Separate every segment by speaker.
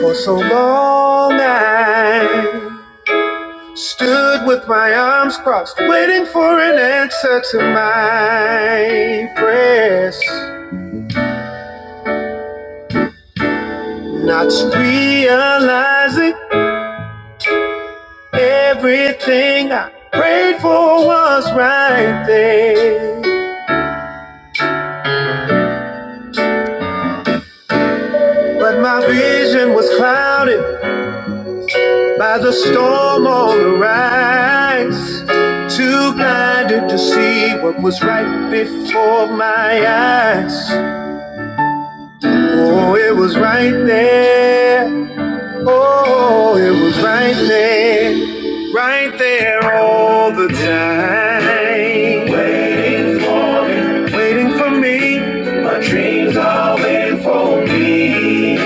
Speaker 1: For so long I stood with my arms crossed, waiting for an answer to my prayers. Not realizing everything I prayed for was right there. But my vision was clouded by the storm on the rise. Too blinded to see what was right before my eyes. Oh, it was right there. Oh, it was right there. Right there all the time. Waiting, waiting for me. My dreams are waiting for me.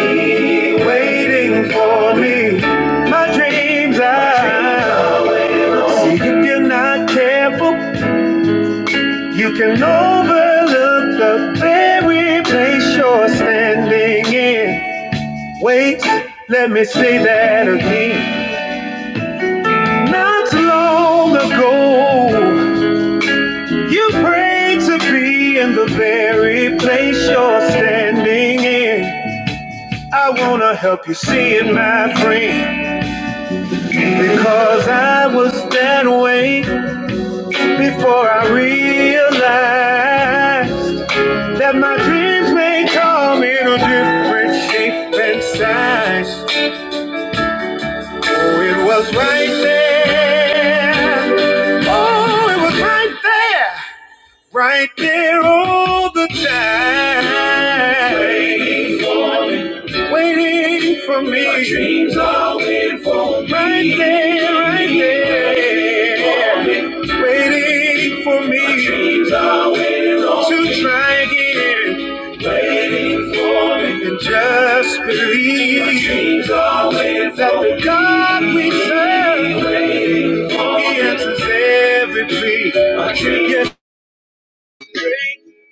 Speaker 1: Waiting for me. My dreams are. See if you're not careful, you can overlook the very place you're standing in. Wait, let me say that again. Not long ago, you prayed to be in the very place you're standing in. I wanna help you see it, my friend, because I was that way before I realized that my dreams may come in a different shape and size. Oh, it was right there. Oh, it was right there. Right there all the time. Waiting, waiting for me. My dreams waiting for me. Right there, right there. Waiting for me. My dreams are to try again. Waiting for me. And just believe My dreams are waiting that for the God we serve. He answers every plea. I can't get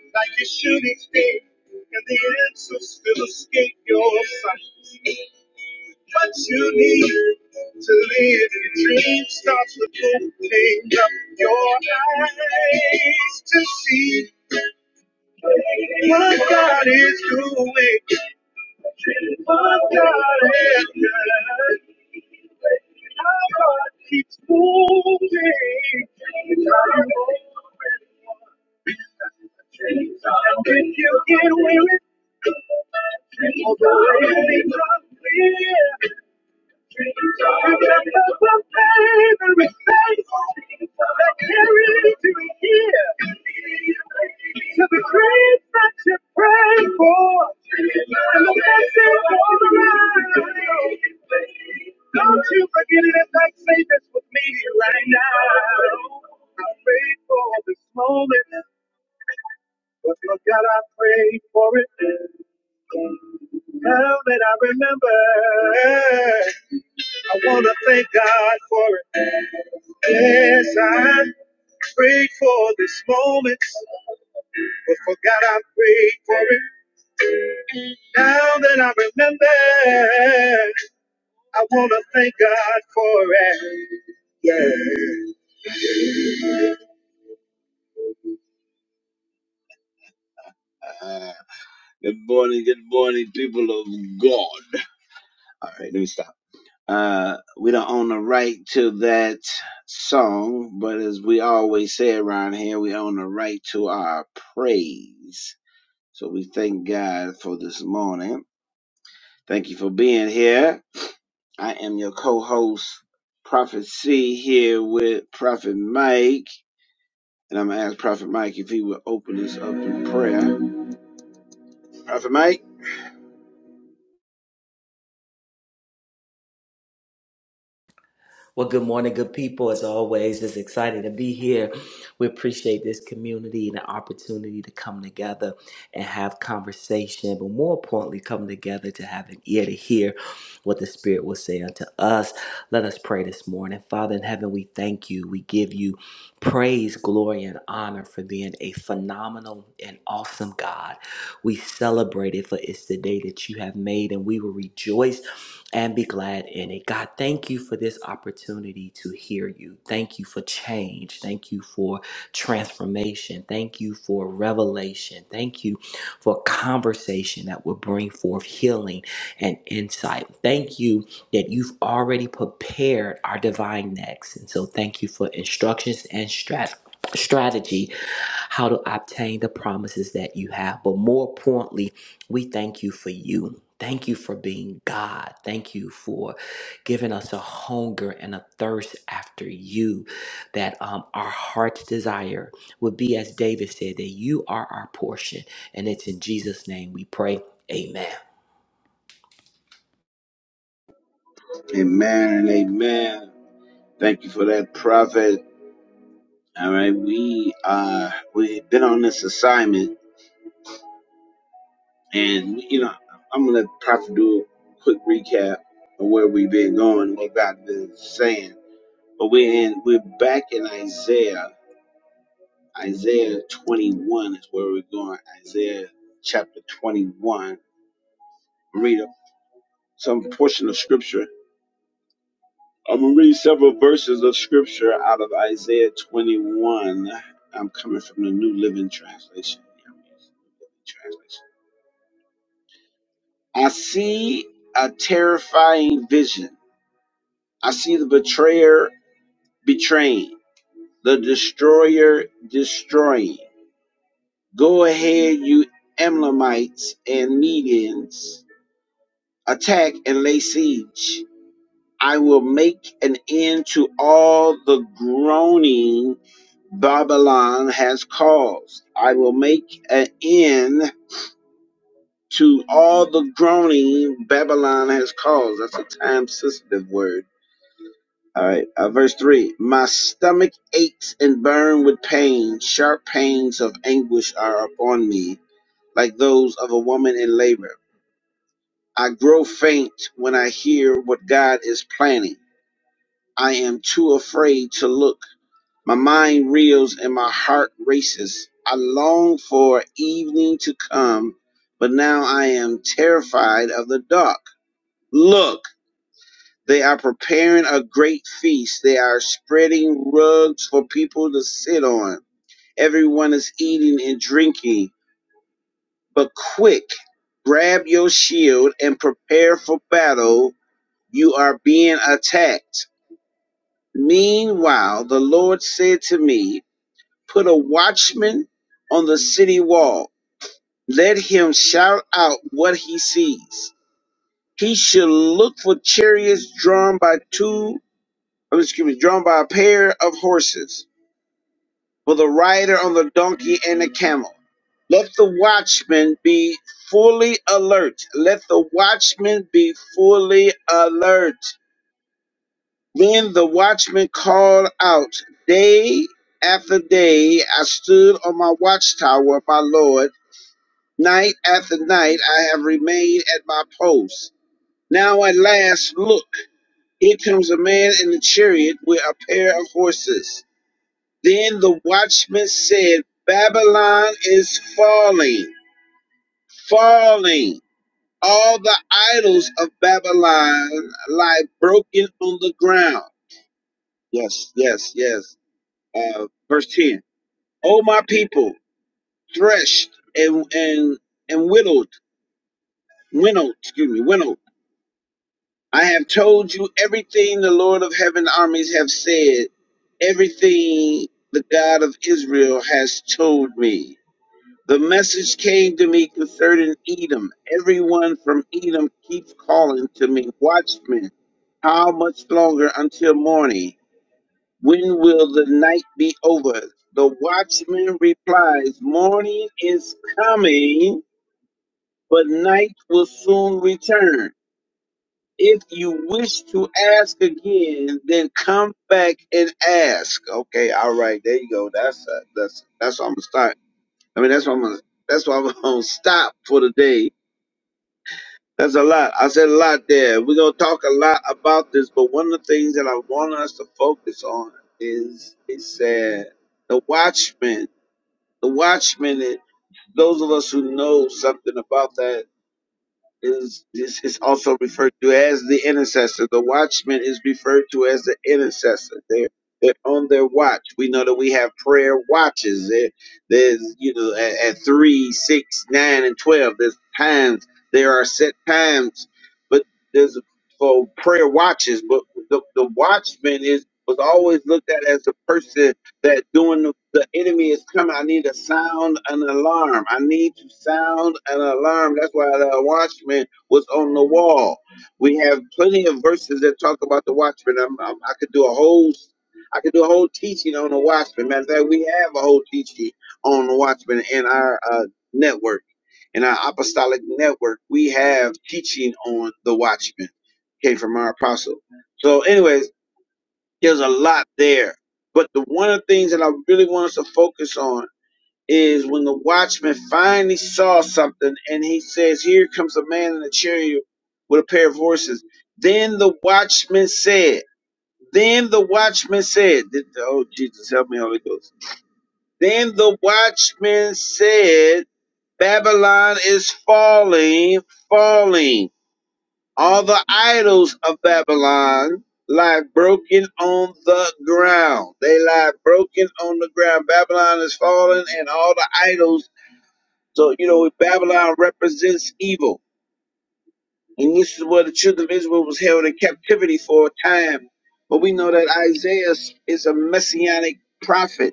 Speaker 1: like a shooting star, and the answers still escape your sight. What you need to live your dream starts with opening up your eyes to see what God is doing. What God has done. How God keeps moving. When you get weary, all the ways are clear. Remember the favorite place that carries you here. To the grace that you pray for, and the blessings all around. Don't you forget it as I say this with me right now. I'm grateful for this moment. But Lord God, I prayed for it now that I remember. I want to thank God for it. Yes, I prayed for this moment, but for God, I prayed for it now that I remember. I want to thank God for it. Yeah. Ah, Good morning, good morning, people of God. All right, let me stop. Uh, we don't own the right to that song, but as we always say around here, we own the right to our praise. So we thank God for this morning. Thank you for being here. I am your co-host, Prophet C, here with Prophet Mike. And I'm going to ask Prophet Mike if he will open this up in prayer. Prophet Mike?
Speaker 2: Well, good morning, good people. As always, it's exciting to be here. We appreciate this community and the opportunity to come together and have conversation, but more importantly, come together to have an ear to hear what the Spirit will say unto us. Let us pray this morning. Father in heaven, we thank you. We give you praise, glory, and honor for being a phenomenal and awesome God. We celebrate it for it's the day that you have made, and we will rejoice and be glad in it. God, thank you for this opportunity to hear you. Thank you for change. Thank you for transformation. Thank you for revelation. Thank you for conversation that will bring forth healing and insight. Thank you that you've already prepared our divine next. And so thank you for instructions and strat- strategy how to obtain the promises that you have. But more importantly, we thank you for you. Thank you for being God. Thank you for giving us a hunger and a thirst after you, that um, our heart's desire would be, as David said, that you are our portion. And it's in Jesus' name we pray. Amen.
Speaker 1: Amen and amen. Thank you for that, Prophet. All right, we uh we've been on this assignment And you know, I'm gonna try to do a quick recap of where we've been going, what God's been saying. But we're in, we're back in Isaiah. Isaiah 21 is where we're going. Isaiah chapter 21. Read some portion of scripture. I'm gonna read several verses of scripture out of Isaiah 21. I'm coming from the New Living Translation. Yeah, the New Living Translation. I see a terrifying vision I see the betrayer betraying, the destroyer destroying. Go ahead, you Emlamites and Medians. Attack and lay siege. I will make an end to all the groaning Babylon has caused. I will make an end to all the groaning Babylon has caused. That's a time sensitive word All right, uh, verse 3 My stomach aches and burn with pain. Sharp pains of anguish are upon me, like those of a woman in labor. I grow faint when I hear what God is planning. I am too afraid to look. My mind reels and my heart races. I long for evening to come, but now I am terrified of the dark. Look! They are preparing a great feast. They are spreading rugs for people to sit on. Everyone is eating and drinking. But quick, grab your shield and prepare for battle. You are being attacked. Meanwhile, the Lord said to me, Put a watchman on the city wall. Let him shout out what he sees. He should look for chariots drawn by two I'm excuse me, drawn by a pair of horses, with a rider on the donkey and a camel. Let the watchman be fully alert. Let the watchman be fully alert. Then the watchman called out, Day after day I stood on my watchtower, my Lord. Night after night I have remained at my post. Now at last, look, here comes a man in a chariot with a pair of horses Then the watchman said, Babylon is falling, falling. All the idols of Babylon lie broken on the ground. Yes, yes, yes. Uh, verse 10. O my people, threshed and, and, and whittled, winnowed, excuse me, winnowed. I have told you everything the Lord of heaven armies have said, everything the God of Israel has told me. The message came to me concerning Edom. Everyone from Edom keeps calling to me, Watchman, how much longer until morning? When will the night be over? The watchman replies, Morning is coming, but night will soon return. If you wish to ask again, then come back and ask. Okay, all right, there you go. That's uh, that's that's almost time. I mean, that's why I'm gonna, that's why I'm gonna stop for the day. That's a lot. I said a lot there. We're gonna talk a lot about this, but one of the things that I want us to focus on is it said the watchman. The watchman is those of us who know something about that is, is, is also referred to as the intercessor. The watchman is referred to as the intercessor. They're, they're on their watch. We know that we have prayer watches. There, there's, you know, at, at 3, six, nine, and 12, there's times, there are set times, but there's for prayer watches. But the, the watchman is was always looked at as a person that doing the, the enemy is coming. I need to sound an alarm. I need to sound an alarm. That's why the watchman was on the wall. We have plenty of verses that talk about the watchman. I'm, I'm, I could do a whole, I could do a whole teaching on the watchman. Matter of fact, we have a whole teaching on the watchman in our uh, network, in our apostolic network. We have teaching on the watchman. Came from our apostle. So, anyways there's a lot there. But the one of the things that I really want us to focus on is when the watchman finally saw something and he says, Here comes a man in a chariot with a pair of horses. Then the watchman said, Then the watchman said, th- Oh, Jesus, help me, Holy Ghost. Then the watchman said, Babylon is falling, falling. All the idols of Babylon lie broken on the ground. They lie broken on the ground. Babylon is fallen, and all the idols. So you know, Babylon represents evil, and this is where the children of Israel was held in captivity for a time. But we know that Isaiah is a messianic prophet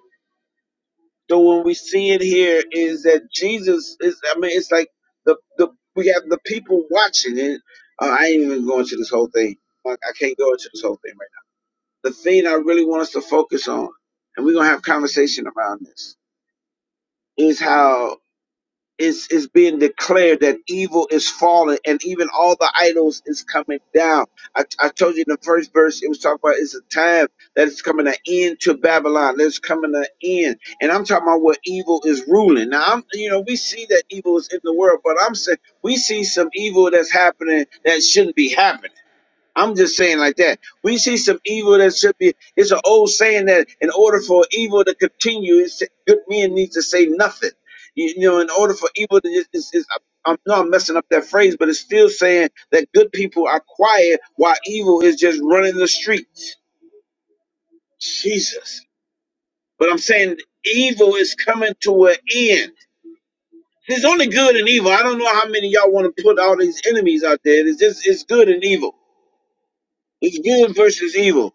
Speaker 1: so what we see in here is that Jesus is. I mean, it's like the the we have the people watching it. Uh, I ain't even going to this whole thing. Like, I can't go into this whole thing right now. The thing I really want us to focus on, and we're gonna have conversation around this, is how is is being declared that evil is fallen and even all the idols is coming down I, I told you in the first verse it was talking about it's a time that is coming an end to babylon that's coming an end and i'm talking about where evil is ruling now i'm you know we see that evil is in the world but i'm saying we see some evil that's happening that shouldn't be happening I'm just saying like that. We see some evil that should be. It's an old saying that in order for evil to continue, it's, good men need to say nothing. You, you know, in order for evil to just, it's, it's, I'm no, I'm messing up that phrase, but it's still saying that good people are quiet while evil is just running the streets. Jesus. But I'm saying evil is coming to an end. There's only good and evil. I don't know how many of y'all want to put all these enemies out there. It's just it's good and evil. It's good versus evil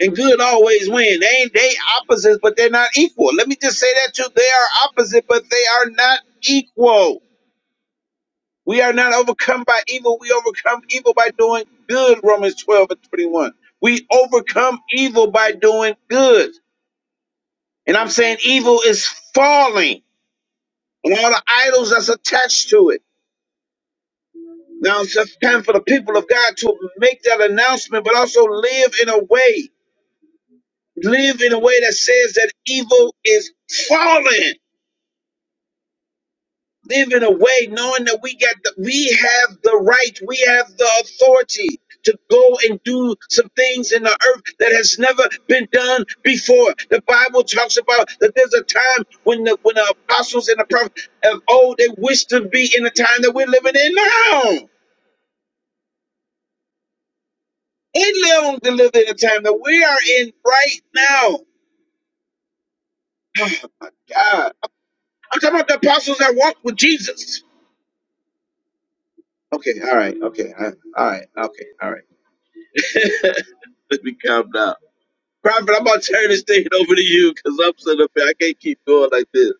Speaker 1: and good always win. They ain't they opposites, but they're not equal. Let me just say that too. They are opposite, but they are not equal. We are not overcome by evil. We overcome evil by doing good. Romans 12 and 21. We overcome evil by doing good. And I'm saying evil is falling and all the idols that's attached to it. Now it's just time for the people of God to make that announcement, but also live in a way, live in a way that says that evil is falling living away, knowing that we got the, we have the right, we have the authority to go and do some things in the earth that has never been done before. The Bible talks about that there's a time when the when the apostles and the prophets of old they wish to be in the time that we're living in now. And they don't live in the time that we are in right now. God. I'm talking about the apostles that walked with Jesus. Okay, all right, okay, all right, all right, okay, all right. Let me calm down. Prophet, I'm gonna turn this thing over to you because I'm sitting up here. I can't keep going like this.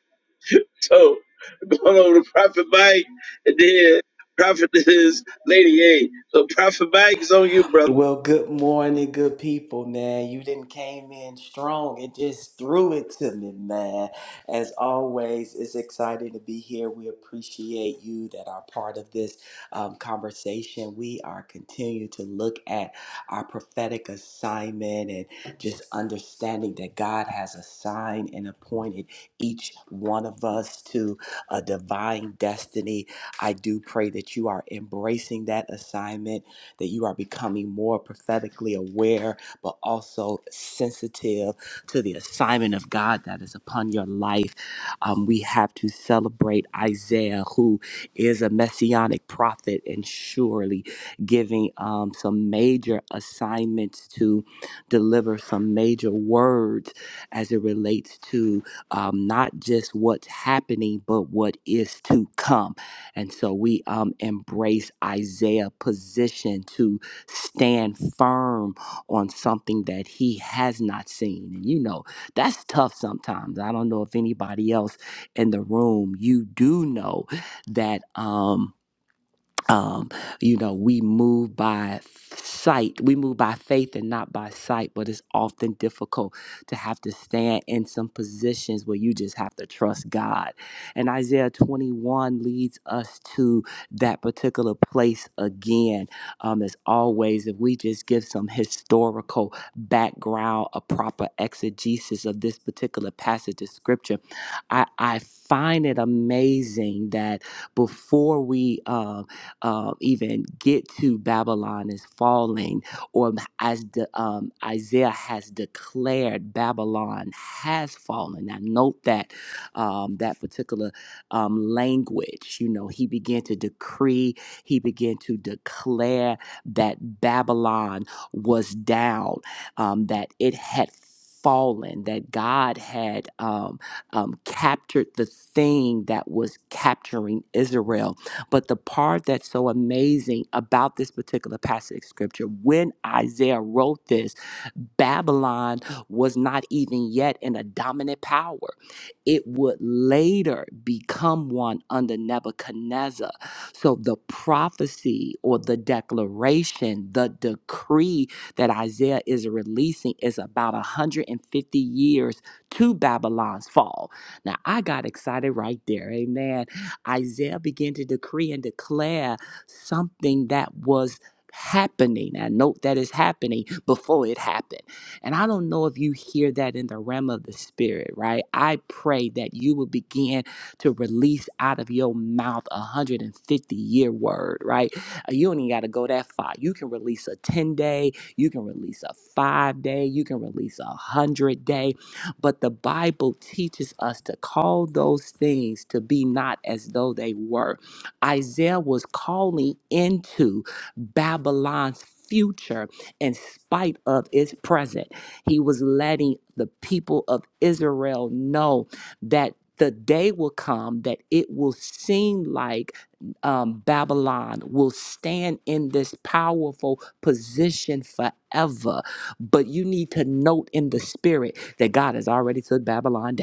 Speaker 1: So going over to Prophet Mike and then Prophet is Lady A. So Prophet Mike is on you, brother.
Speaker 2: Well, good morning, good people, man. You didn't came in strong it just threw it to me, man. As always, it's exciting to be here. We appreciate you that are part of this um, conversation. We are continuing to look at our prophetic assignment and just understanding that God has assigned and appointed each one of us to a divine destiny. I do pray that you are embracing that assignment that you are becoming more prophetically aware, but also sensitive to the assignment of God that is upon your life. Um, we have to celebrate Isaiah, who is a messianic prophet and surely giving um, some major assignments to deliver some major words as it relates to um, not just what's happening, but what is to come and so we um, embrace Isaiah's position to stand firm on something that he has not seen. And you know, that's tough sometimes. I don't know if anybody else in the room, you do know that. Um, um, you know, we move by sight, we move by faith and not by sight, but it's often difficult to have to stand in some positions where you just have to trust God. And Isaiah 21 leads us to that particular place again. Um, as always, if we just give some historical background, a proper exegesis of this particular passage of scripture, I, I find it amazing that before we, um, uh, even get to Babylon is falling, or as the, um, Isaiah has declared, Babylon has fallen. Now, note that um, that particular um, language, you know, he began to decree, he began to declare that Babylon was down, um, that it had fallen, that God had um, um, captured the thing that was capturing Israel but the part that's so amazing about this particular passage of scripture, when Isaiah wrote this, Babylon was not even yet in a dominant power. It would later become one under Nebuchadnezzar. So the prophecy or the declaration, the decree that Isaiah is releasing is about 150 years to Babylon's fall. Now I got excited right there. Amen Isaiah began to decree and declare something that was happening. I note that is happening before it happened. And I don't know if you hear that in the realm of the spirit, right? I pray that you will begin to release out of your mouth a 150 year word, right? Uh, You don't even got to go that far. You can release a 10 day, you can release a five day, you can release a 100 day but the Bible teaches us to call those things to be not as though they were. Isaiah was calling into Babylon's future in spite of its present. He was letting the people of Israel know that. The day will come that it will seem like um, Babylon will stand in this powerful position forever. But you need to note in the spirit that God has already took Babylon down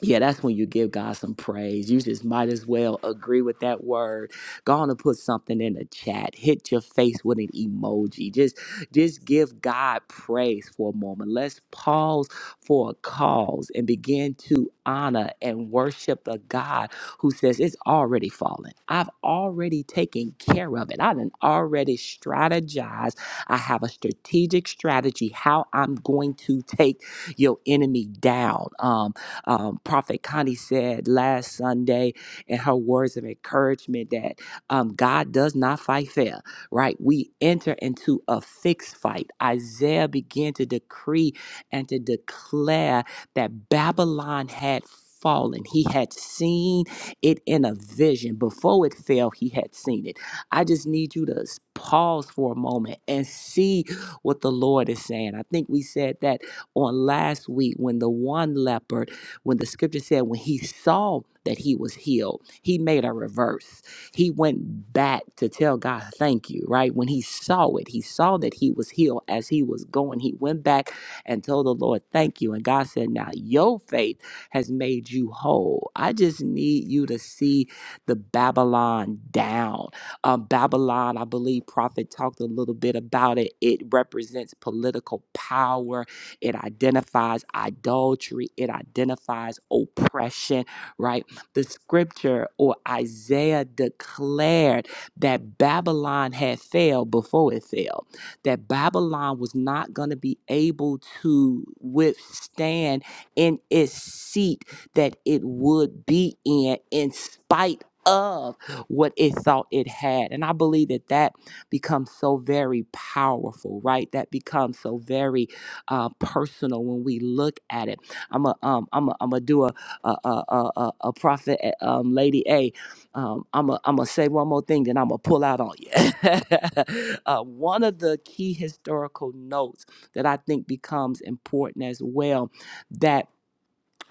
Speaker 2: yeah, that's when you give God some praise. You just might as well agree with that word. Go on and put something in the chat. Hit your face with an emoji. Just, just give God praise for a moment. Let's pause for a cause and begin to honor and worship the God who says it's already fallen. I've already taken care of it. I done already strategized. I have a strategic strategy how I'm going to take your enemy down. Um, um, Prophet Connie said last Sunday and her words of encouragement that um, God does not fight fair, right? We enter into a fixed fight. Isaiah began to decree and to declare that Babylon had fallen. He had seen it in a vision. Before it fell, he had seen it. I just need you to s- pause for a moment and see what the Lord is saying. I think we said that on last week when the one leper when the scripture said when he saw that he was healed, he made a reverse. He went back to tell God thank you, right? When he saw it, he saw that he was healed as he was going. He went back and told the Lord thank you. And God said, Now your faith has made you whole. I just need you to see the Babylon down. Um, Babylon, I believe Prophet talked a little bit about it. It represents political power it identifies idolatry. It identifies oppression, right? The scripture or Isaiah declared that Babylon had failed before it failed. that Babylon was not going to be able to withstand in its seat that it would be in, in spite of what it thought it had. And I believe that that becomes so very powerful, right? That becomes so very uh, personal when we look at it. I'm a um I'm a I'm gonna do a a a a, a prophet uh, um lady A. Um I'm a I'm gonna say one more thing then I'm gonna pull out on you. uh, one of the key historical notes that I think becomes important as well that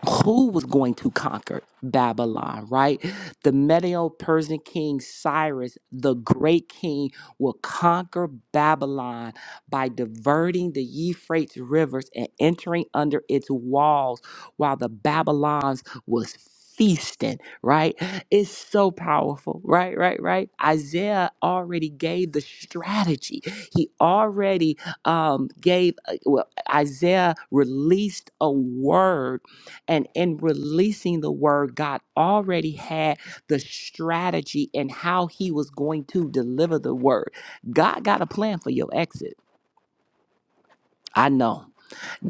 Speaker 2: who was going to conquer Babylon, right? The Medo Persian king Cyrus, the great king, will conquer Babylon by diverting the Euphrates rivers and entering under its walls while the Babylons was feasting, right? It's so powerful, right? Right, right. Isaiah already gave the strategy. He already um gave uh, well, Isaiah released a word and in releasing the word, God already had the strategy and how he was going to deliver the word. God got a plan for your exit. I know.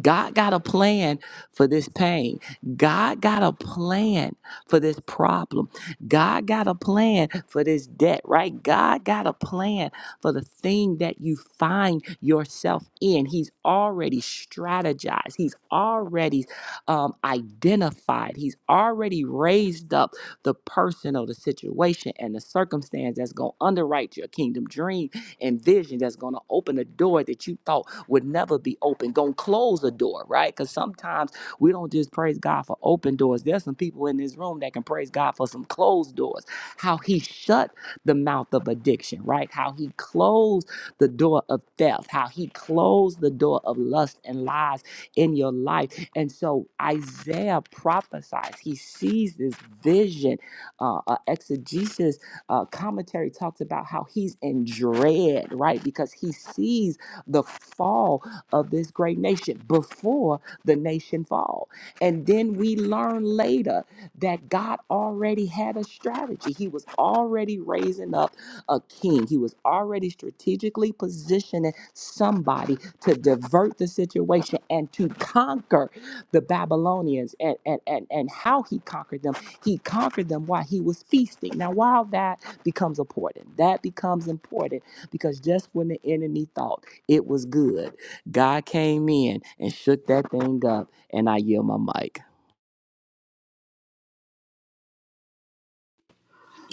Speaker 2: God got a plan for this pain. God got a plan for this problem. God got a plan for this debt, right? God got a plan for the thing that you find yourself in. He's already strategized, He's already um, identified, He's already raised up the person or the situation and the circumstance that's going to underwrite your kingdom dream and vision that's going to open a door that you thought would never be open, going to close a door, right? Because sometimes we don't just praise God for open doors. There's some people in this room that can praise God for some closed doors. How he shut the mouth of addiction, right? How he closed the door of theft, how he closed the door of lust and lies in your life. And so Isaiah prophesies, he sees this vision, uh, uh, exegesis uh, commentary talks about how he's in dread, right? Because he sees the fall of this great nation before the nation fall. And then we learn later that God already had a strategy. He was already raising up a king. He was already strategically positioning somebody to divert the situation and to conquer the Babylonians and, and, and, and how he conquered them he conquered them while he was feasting. Now, while that becomes important, that becomes important because just when the enemy thought it was good, God came in and shook that thing up, and I yield my mic.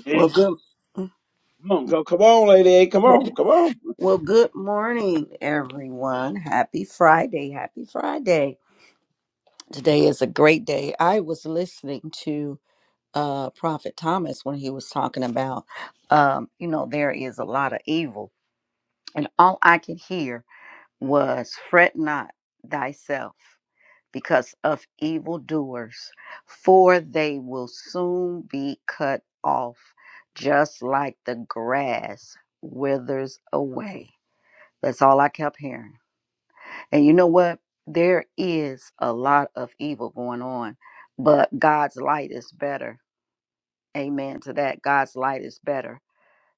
Speaker 1: Yeah,
Speaker 3: Well, good.
Speaker 1: come on, go, come on, lady. A. Come on, come on.
Speaker 3: Well, good morning, everyone. Happy Friday. Happy Friday. Today is a great day. I was listening to uh, Prophet Thomas when he was talking about, um, you know, there is a lot of evil. And all I could hear was, fret not thyself because of evildoers, for they will soon be cut off, just like the grass withers away. That's all I kept hearing. And you know what? There is a lot of evil going on, but God's light is better. Amen to that. God's light is better.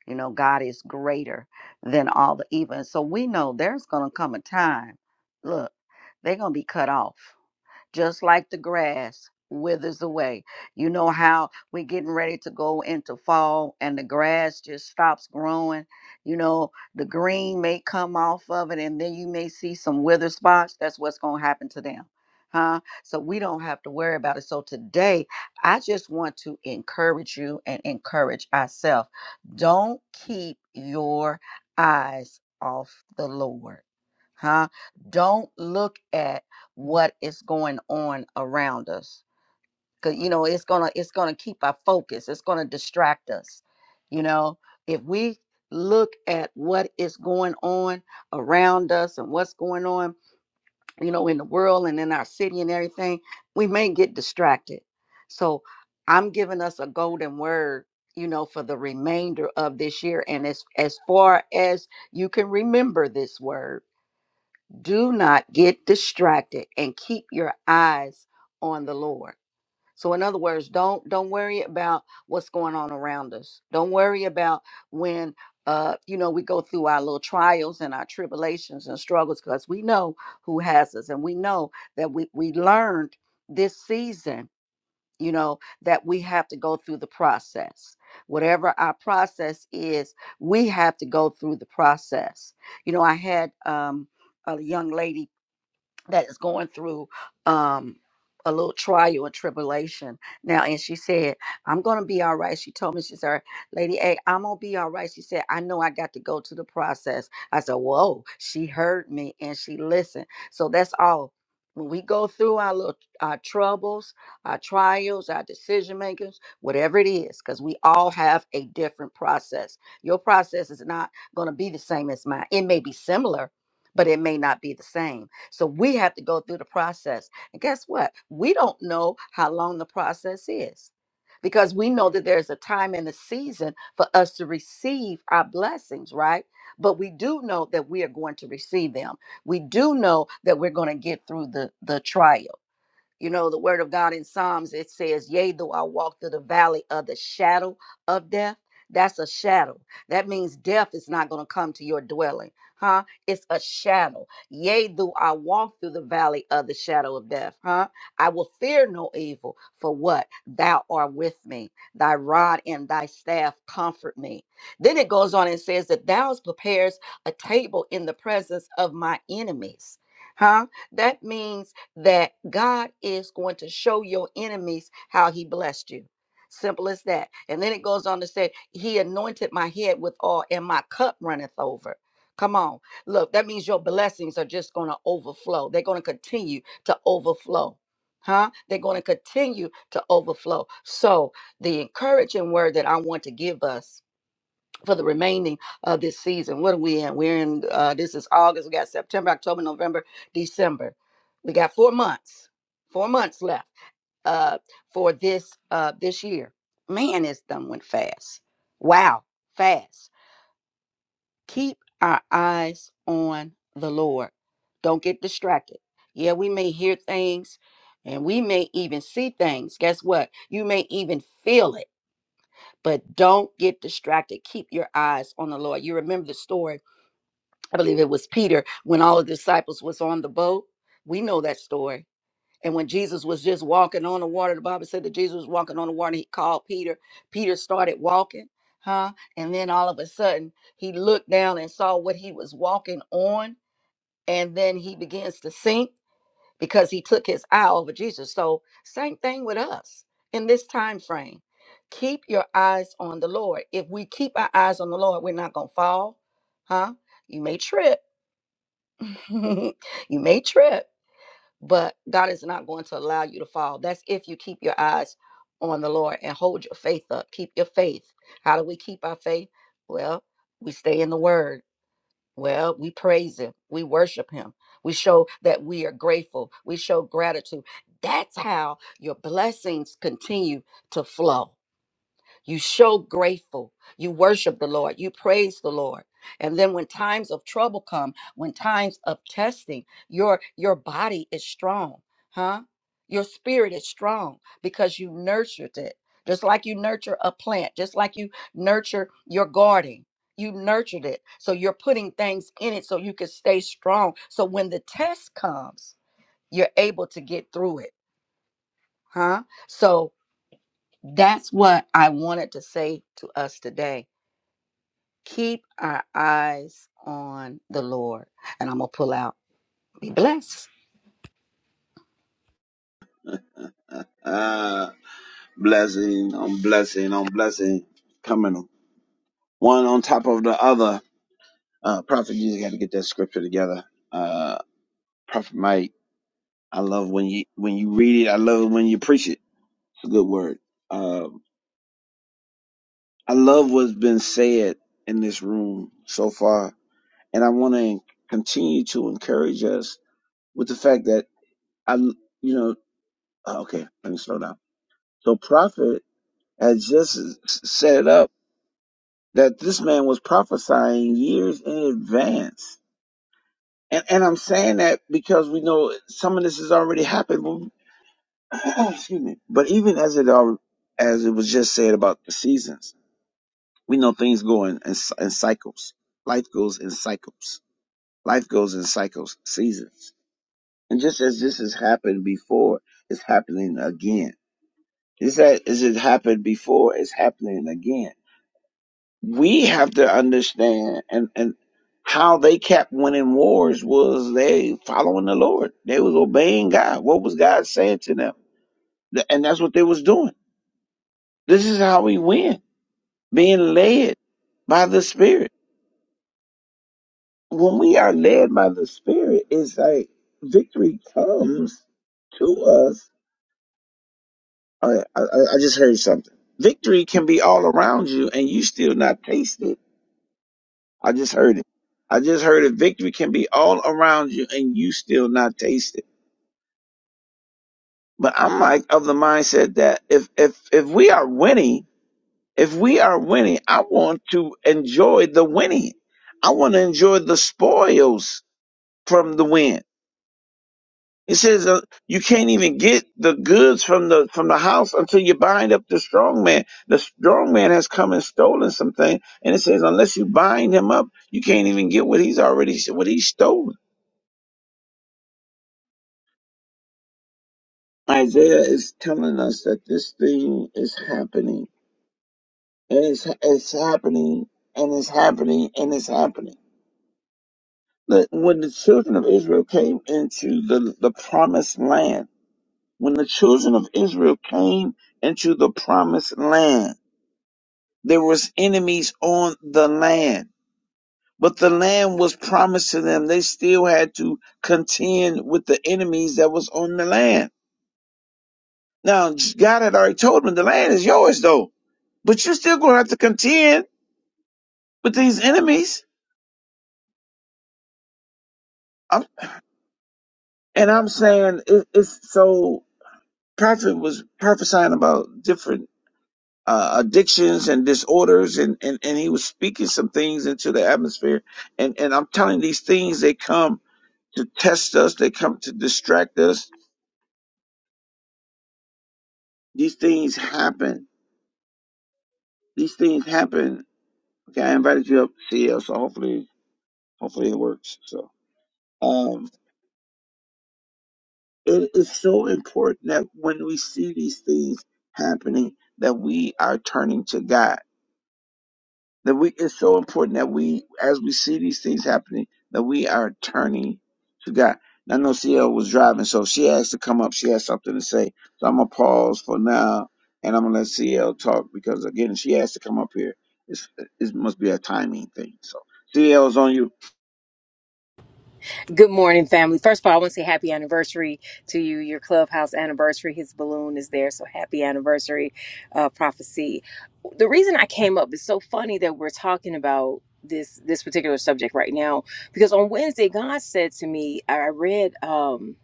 Speaker 3: You know, God is greater than all the evil. And so we know there's going to come a time, look, they're going to be cut off just like the grass withers away. You know how we're getting ready to go into fall and the grass just stops growing. You know, the green may come off of it and then you may see some wither spots. That's what's going to happen to them. Huh? So we don't have to worry about it. So today, I just want to encourage you and encourage ourselves. Don't keep your eyes off the Lord. Huh? Don't look at what is going on around us because you know it's gonna it's gonna keep our focus it's gonna distract us you know if we look at what is going on around us and what's going on you know in the world and in our city and everything we may get distracted so i'm giving us a golden word you know for the remainder of this year and as as far as you can remember this word do not get distracted and keep your eyes on the Lord. So in other words, don't don't worry about what's going on around us. Don't worry about when uh you know we go through our little trials and our tribulations and struggles because we know who has us and we know that we we learned this season, you know, that we have to go through the process. Whatever our process is, we have to go through the process. You know, I had um a young lady that is going through um a little trial and tribulation now and she said i'm gonna be all right she told me she said lady a i'm gonna be all right she said i know i got to go to the process i said whoa she heard me and she listened so that's all when we go through our little our troubles our trials our decision makers whatever it is because we all have a different process your process is not going to be the same as mine it may be similar but it may not be the same so we have to go through the process. And guess what? We don't know how long the process is because we know that there's a time and a season for us to receive our blessings, right? But we do know that we are going to receive them. We do know that we're going to get through the the trial. You know, the word of God in Psalms, it says, Yea, though I walk through the valley of the shadow of death. That's a shadow. That means death is not going to come to your dwelling, huh? It's a shadow. Yea, though I walk through the valley of the shadow of death, huh? I will fear no evil, for what? Thou art with me. Thy rod and thy staff comfort me. Then it goes on and says that thou prepares a table in the presence of my enemies, huh? That means that God is going to show your enemies how he blessed you. Simple as that. And then it goes on to say, He anointed my head with oil and my cup runneth over. Come on. Look, that means your blessings are just going to overflow. They're going to continue to overflow. Huh? They're going to continue to overflow. So, the encouraging word that I want to give us for the remaining of this season. What are we in? We're in, uh, this is August. We got September, October, November, December. We got four months, four months left uh, for this uh, this year. Man, it's done went fast. Wow, fast. Keep our eyes on the Lord. Don't get distracted. Yeah, we may hear things and we may even see things. Guess what? You may even feel it, but don't get distracted. Keep your eyes on the Lord. You remember the story I believe it was Peter when all the disciples was on the boat. We know that story. And when Jesus was just walking on the water, the Bible said that Jesus was walking on the water. He called Peter. Peter started walking, huh? And then all of a sudden, he looked down and saw what he was walking on. And then he begins to sink because he took his eye over Jesus. So, same thing with us in this time frame. Keep your eyes on the Lord. If we keep our eyes on the Lord, we're not going to fall, huh? You may trip you may trip, but God is not going to allow you to fall. That's if you keep your eyes on the Lord and hold your faith up. Keep your faith. How do we keep our faith? Well, we stay in the word. Well, we praise him. We worship him. We show that we are grateful. We show gratitude. That's how your blessings continue to flow. You show grateful. You worship the Lord. You praise the Lord. And then when times of trouble come, when times of testing, your your body is strong, huh? Your spirit is strong because you nurtured it. Just like you nurture a plant, just like you nurture your garden. You nurtured it. So you're putting things in it so you can stay strong. So when the test comes, you're able to get through it, huh? So that's what I wanted to say to us today Keep our eyes on the Lord. And I'm going to pull out. Be blessed.
Speaker 1: Ah, blessing on blessing on blessing coming one on top of the other. Uh, Prophet, you just got to get that scripture together. Uh, Prophet Mike, I love when you when you read it. I love it when you preach it. It's a good word. Um, I love what's been said in this room so far, and I want to continue to encourage us with the fact that I, you know, uh, okay, let me slow down. So, prophet has just s- set it up that this man was prophesying years in advance, and and I'm saying that because we know some of this has already happened. but- excuse me, but even as it al- as it was just said about the seasons, we know things go in in, in cycles. Life goes in cycles Life goes in cycles, seasons. And just as this has happened before, it's happening again. Is that as it happened before, it's happening again. We have to understand and, and how they kept winning wars was they following the Lord. They was obeying God. What was God saying to them? Th- And that's what they was doing. This is how we win. Being led by the Spirit. When we are led by the Spirit, it's like victory comes to us I, I, I just heard something. Victory can be all around you and you still not taste it. I just heard it. I just heard it. Victory can be all around you and you still not taste it. But I'm like of the mindset that if, if, if we are winning, if we are winning, I want to enjoy the winning. I want to enjoy the spoils from the win. It says uh, you can't even get the goods from the from the house until you bind up the strong man. The strong man has come and stolen something, and it says unless you bind him up, you can't even get what he's already what he's stolen. Isaiah is telling us that this thing is happening, and it's it's happening, and it's happening, and it's happening. That when the children of Israel came into the the promised land, when the children of Israel came into the promised land There was enemies on the land, but the land was promised to them. They still had to contend with the enemies that was on the land. Now, God had already told them the land is yours though, but you're still going to have to contend with these enemies. I'm, and I'm saying it, it's so prophet was prophesying about different uh, addictions and disorders and, and, and he was speaking some things into the atmosphere. And, and I'm telling these things, they come to test us. They come to distract us. These things happen. These things happen. Okay, I invited you up, to see us. So hopefully, hopefully it works. So, um, it is so important that when we see these things happening, that we are turning to God That we it's so important that we, as we see these things happening, that we are turning to God. And I know CL was driving, so she has to come up. She has something to say. So I'm gonna pause for now, and I'm gonna let CL talk because again, she has to come up here. It's, it must be a timing thing. So CL is on
Speaker 4: Good morning, family. First of all, I want to say happy anniversary to you. Your clubhouse anniversary, his balloon is there. So happy anniversary, uh, prophecy. The reason I came up is so funny that we're talking about this this particular subject right now because on Wednesday God said to me, I I read, um,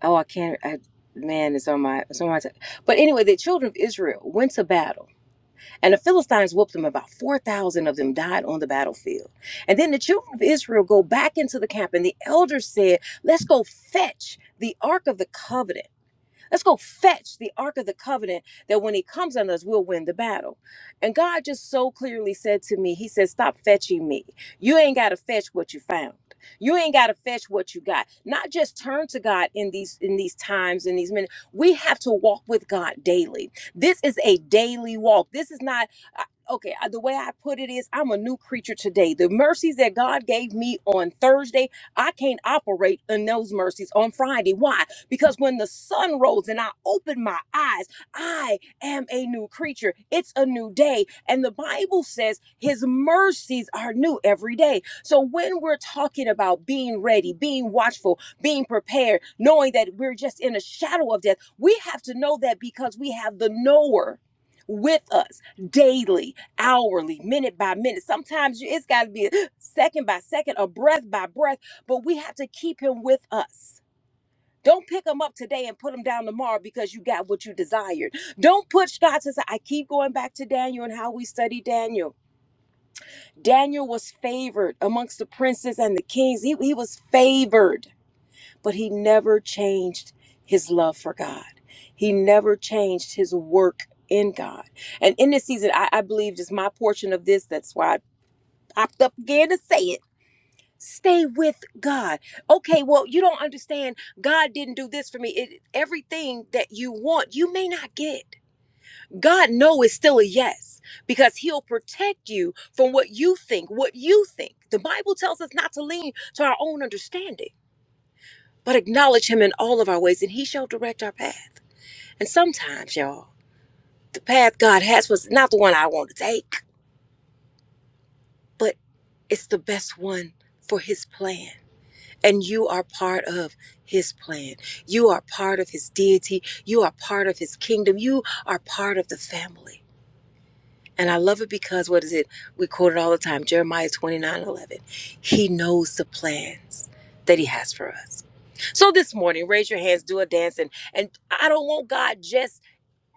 Speaker 4: oh, I can't, I, man, it's on my, it's on my, t- but anyway, the children of Israel went to battle and the Philistines whooped them. About 4,000 of them died on the battlefield. And then the children of Israel go back into the camp, and the elders said, Let's go fetch the Ark of the Covenant. Let's go fetch the Ark of the Covenant that when he comes on us, we'll win the battle. And God just so clearly said to me, He said, Stop fetching me. You ain't got to fetch what you found. You ain't got to fetch what you got. Not just turn to God in these in these times in these minutes. We have to walk with God daily. This is a daily walk. This is not okay, uh, the way I put it is I'm a new creature today. The mercies that God gave me on Thursday, I can't operate in those mercies on Friday. Why? Because when the sun rose and I opened my eyes, I am a new creature. It's a new day. And the Bible says his mercies are new every day. So when we're talking about being ready, being watchful, being prepared, knowing that we're just in a shadow of death, we have to know that because we have the knower with us daily, hourly, minute by minute. Sometimes it's got to be second by second, a breath by breath, but we have to keep him with us don't pick them up today and put them down tomorrow because you got what you desired. Don't push God to say, I keep going back to Daniel and how we study Daniel. Daniel was favored amongst the princes and the kings. He, he was favored, but he never changed his love for God. He never changed his work in God. And in this season, I, I believe just my portion of this, that's why I popped up again to say it Stay with God. Okay, well, you don't understand. God didn't do this for me. It, everything that you want, you may not get. God know is still a yes because he'll protect you from what you think, what you think. The Bible tells us not to lean to our own understanding, but acknowledge him in all of our ways and he shall direct our path. And sometimes, y'all, the path God has was not the one I want to take, but it's the best one for his plan. And you are part of his plan. You are part of his deity. You are part of his kingdom. You are part of the family. And I love it because, what is it? We quote it all the time Jeremiah 29 11. He knows the plans that he has for us. So this morning, raise your hands, do a dance, and, and I don't want God just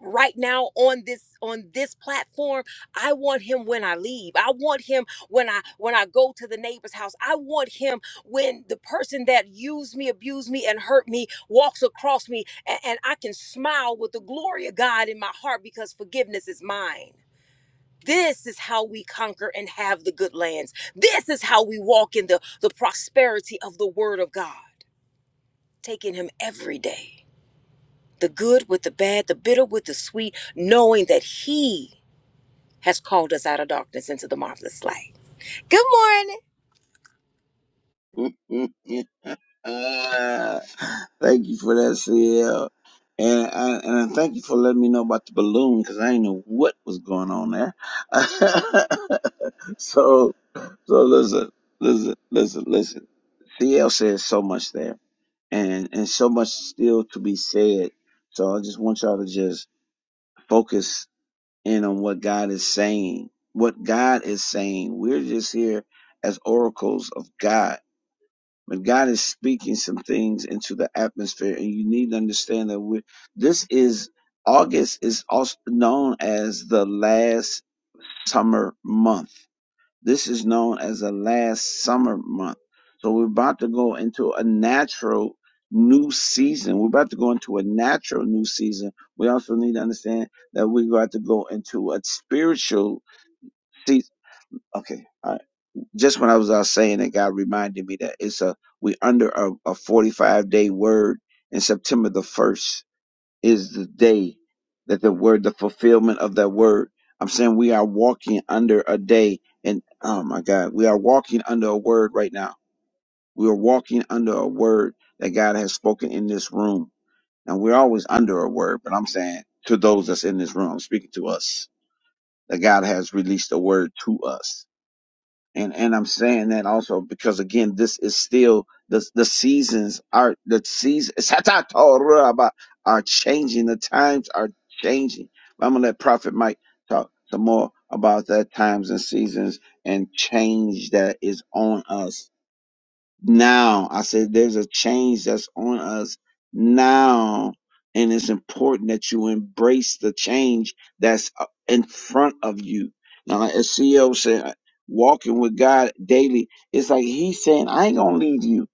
Speaker 4: right now on this on this platform i want him when i leave i want him when i when i go to the neighbor's house i want him when the person that used me abused me and hurt me walks across me and, and i can smile with the glory of god in my heart because forgiveness is mine this is how we conquer and have the good lands this is how we walk in the the prosperity of the word of god taking him every day the good with the bad, the bitter with the sweet, knowing that He has called us out of darkness into the marvelous light. Good morning.
Speaker 1: you. Ah, thank you for that, CL. And I, and I thank you for letting me know about the balloon because I didn't know what was going on there. so So listen, listen, listen, listen. CL says so much there, and and so much still to be said. So I just want y'all to just focus in on what God is saying. What God is saying. We're just here as oracles of God. But God is speaking some things into the atmosphere, and you need to understand that we this is August is also known as the last summer month. This is known as a last summer month. So we're about to go into a natural new season. We're about to go into a natural new season. We also need to understand that we're about to go into a spiritual season. Okay. All right. Just when I was out saying it, God reminded me that it's a we under a, a 45 day word in September the 1st is the day that the word, the fulfillment of that word. I'm saying we are walking under a day, and oh my God, we are walking under a word right now. We are walking under a word that God has spoken in this room, and we're always under a word. But I'm saying to those that's in this room, I'm speaking to us, that God has released a word to us and and I'm saying that also because again, this is still the the seasons are the seasons are changing. The times are changing. But I'm gonna let Prophet Mike talk some more about that times and seasons and change that is on us now. I said there's a change that's on us now. And it's important that you embrace the change that's uh, in front of you. Now, like as CEO said, uh, walking with God daily, it's like He's saying, I ain't going to leave you.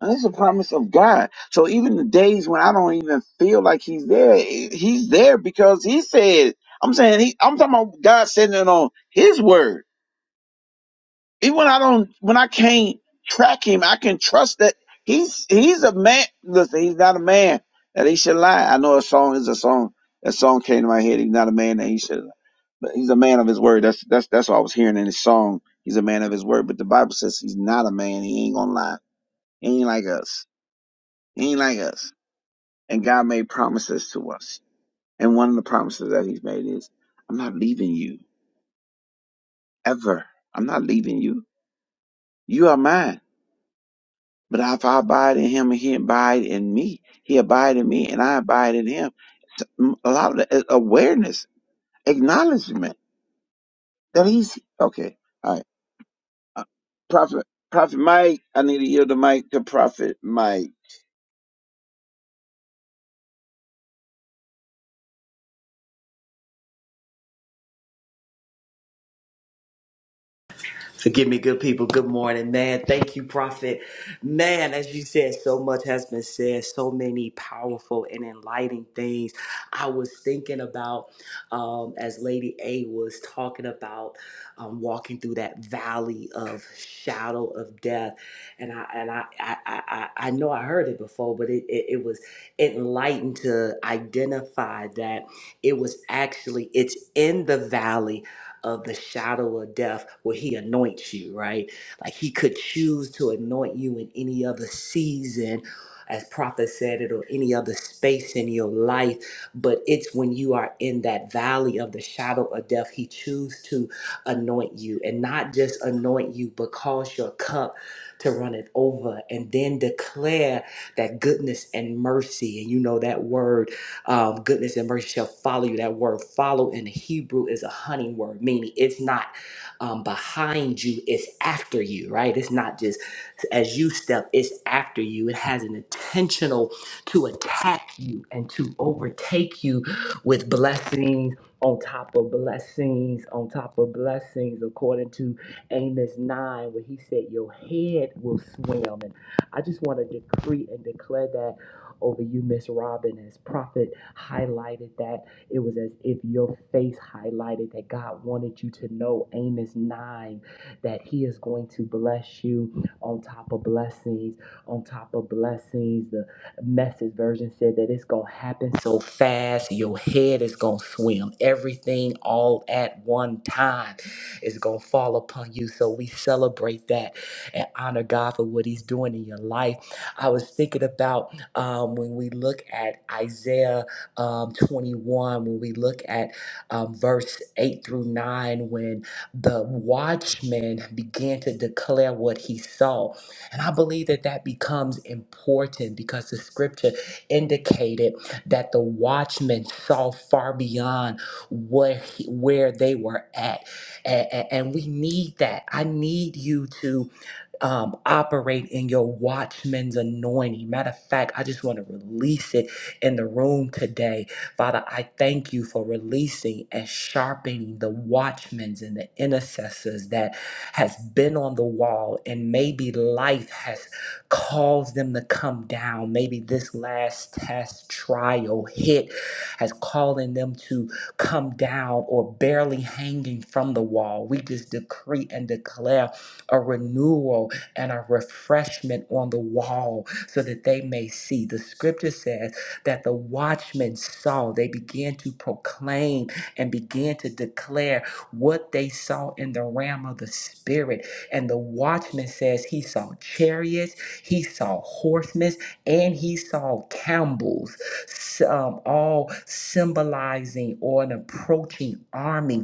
Speaker 1: And it's a promise of God. So even the days when I don't even feel like He's there, he- He's there because He said, I'm saying, he, I'm talking about God sending it on His word even when I don't, when I can't track him, I can trust that he's he's a man. Listen, he's not a man that he should lie. I know a song is a song. That song came to my head. He's not a man that he should, but he's a man of his word. That's that's that's what I was hearing in his song. He's a man of his word, but the Bible says he's not a man. He ain't gonna lie. He ain't like us. He ain't like us. And God made promises to us. And one of the promises that He's made is, I'm not leaving you ever. I'm not leaving you. You are mine. But if I abide in him and he abide in me, he abide in me and I abide in him. A lot of the- uh, awareness, acknowledgement that he's okay. All right. Uh, Prophet, Prophet Mike, I need to yield the mic to Prophet Mike.
Speaker 2: Forgive me, good people. Good morning, man. Thank you, Prophet. Man, as you said, so much has been said, so many powerful and enlightening things. I was thinking about, um, as Lady A was talking about, um, walking through that valley of shadow of death, and I and I I I, I know I heard it before, but it, it it was enlightened to identify that it was actually it's in the valley of the shadow of death where he anoints you, right? Like he could choose to anoint you in any other season, as prophet said it, or any other space in your life. But it's when you are in that valley of the shadow of death, he chooses to anoint you and not just anoint you, but cause your cup to run it over and then declare that goodness and mercy. And you know that word um, goodness and mercy shall follow you. That word follow in Hebrew is a hunting word, meaning it's not um, behind you, it's after you, right? It's not just as you step, it's after you. It has an intentional to attack you and to overtake you with blessings on top of blessings on top of blessings, according to Amos 9, where he said, Your head will swim. And I just want to decree and declare that over you, Miss Robin, as prophet highlighted that it was as if your face highlighted that God wanted you to know Amos 9 that he is going to bless you on top of blessings on top of blessings the message version said that it's going to happen so fast your head is going to swim everything all at one time is going to fall upon you so we celebrate that and honor God for what he's doing in your life I was thinking about um, when we look at Isaiah um, 21, when we look at um, verse 8 through 9, when the watchman began to declare what he saw. And I believe that that becomes important because the scripture indicated that the watchman saw far beyond where, he- where they were at. A- a- and we need that. I need you to um, operate in your watchman's anointing. Matter of fact, I just want to release it in the room today. Father, I thank you for releasing and sharpening the watchmen's and the intercessors that has been on the wall and maybe life has caused them to come down. Maybe this last test, trial, hit has calling them to come down or barely hanging from the wall. We just decree and declare a renewal and a refreshment on the wall so that they may see. The scripture says that the watchmen saw, they began to proclaim and began to declare what they saw in the realm of the spirit. And the watchman says he saw chariots, he saw horsemen, and he saw camels, s- um, all symbolizing or an approaching army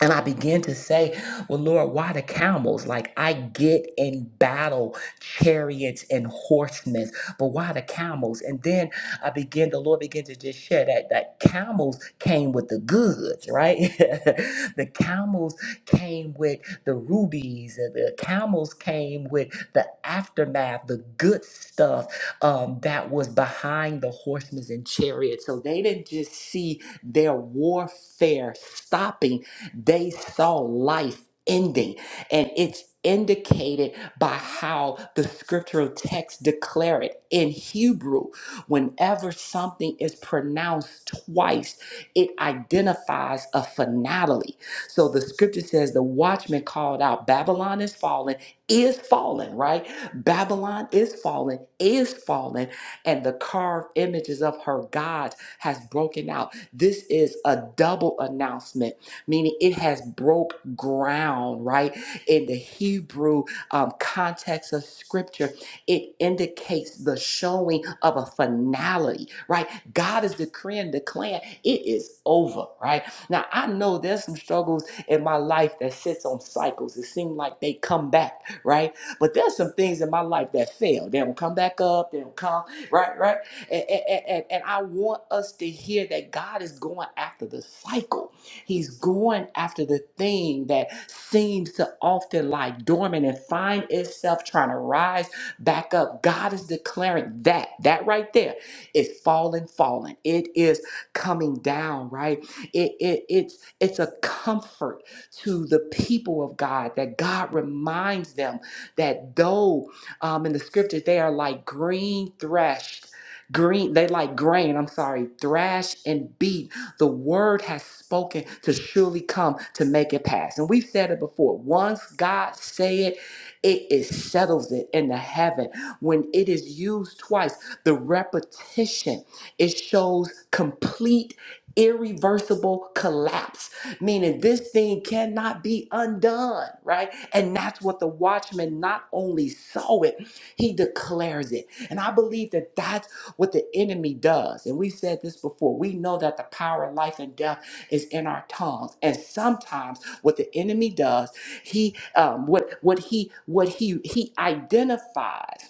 Speaker 2: and I began to say, Well, Lord, why the camels? Like, I get in battle chariots and horsemen, but why the camels? And then I began, the Lord began to just share that, that camels came with the goods, right? the camels came with the rubies, and the camels came with the aftermath, the good stuff um, that was behind the horsemen and chariots. So they didn't just see their warfare stopping they saw life ending, and it's indicated by how the scriptural text declare it in Hebrew. Whenever something is pronounced twice, it identifies a finality. So the scripture says the watchman called out, Babylon is fallen, is fallen, right? Babylon is fallen, is fallen, and the carved images of her gods has broken out. This is a double announcement meaning it has broke ground, right? In the Hebrew um, context of scripture, it indicates the showing of a finality, right? God is decreeing, declaring it is over, right? Now, I know there's some struggles in my life that sits on cycles. It seems like they come back, right? But there's some things in my life that fail. They don't come back up, they don't come, right, right? And, and, and, and I want us to hear that God is going after the cycle He's going after the thing that seems to often lie dormant and find itself trying to rise back up. God is declaring that, that right there is falling, falling. It is coming down, right? It, it, it's, it's a comfort to the people of God that God reminds them that though um, in the scriptures they are like green threshed, green, they like grain, I'm sorry, thrash and beat the word has spoken to surely come to make it pass. And we've said it before. Once God say it, it is settles it in the heaven. When it is used twice, the repetition, it shows complete irreversible collapse meaning this thing cannot be undone right and that's what the watchman not only saw it he declares it and i believe that that's what the enemy does. And we said this before. We know that the power of life and death is in our tongues. And sometimes what the enemy does, he um, what what he what he he identifies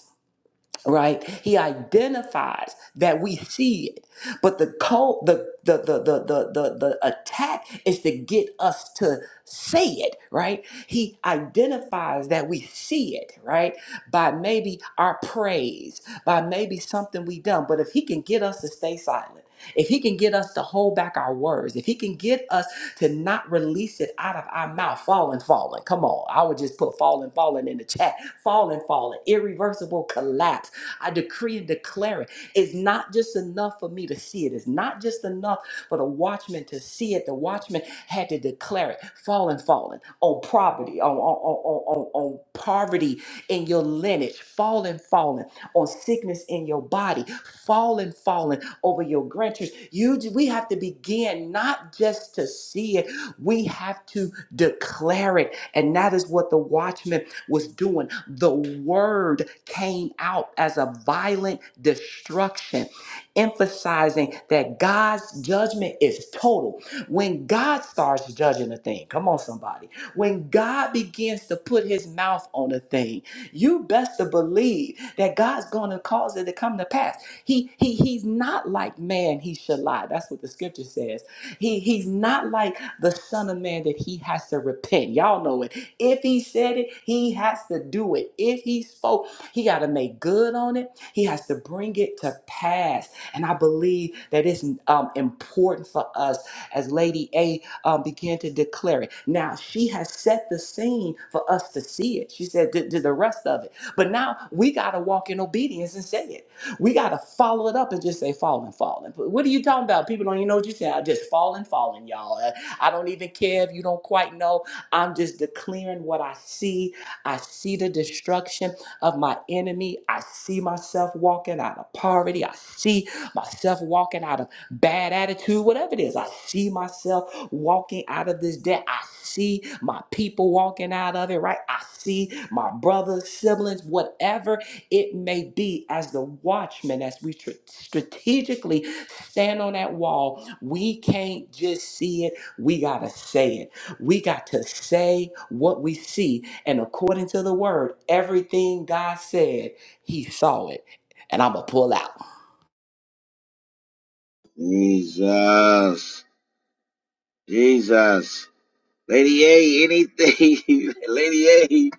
Speaker 2: right he identifies that we see it but the co the the the the the, the, the attack is to get us to say it right he identifies that we see it right by maybe our praise by maybe something we done but if he can get us to stay silent if he can get us to hold back our words, if he can get us to not release it out of our mouth, falling, falling. Come on. I would just put falling, falling in the chat. Falling, falling. Irreversible collapse I decree and declare it. It's not just enough for me to see it. It's not just enough for the watchman to see it. The watchman had to declare it. Fallen, fallen on property, on, on, on, on, on on poverty in your lineage. Fallen, fallen on sickness in your body. Fallen, fallen over your grandchildren. You, we have to begin not just to see it. We have to declare it. And that is what the watchman was doing, the word came out as a violent destruction, emphasizing that God's judgment is total. When God starts judging a thing, come on, somebody, when God begins to put his mouth on a thing, you best to believe that God's going to cause it to come to pass. He, he he's not like man he should lie. That's what the scripture says. He he's not like the son of man that he has to repent. Y'all know it. If he said it, he has to do it. If he spoke, he got to make good on it. He has to bring it to pass. And I believe that it's um, important for us as Lady A um, began to declare it. Now, she has set the scene for us to see it. She said, "Did the rest of it. But now we got to walk in obedience and say it. We got to follow it up and just say, falling, falling. But What are you talking about? People don't even know what you said. I just falling, falling, y'all. Uh, I don't even care if you don't quite know. I'm just declaring what I see. I see the destruction of my enemy. I see myself walking out of poverty. I see myself walking out of bad attitude, whatever it is. I see myself walking out of this debt. I see my people walking out of it, right? I see my brothers, siblings, whatever it may be, as the watchmen, as we tr- strategically stand on that wall, we can't just see it, we got to say it. We got to say what we see. And according to the word, everything God said, he saw it. And I'm going to pull out.
Speaker 1: Jesus. Jesus. Lady A, anything. Lady A,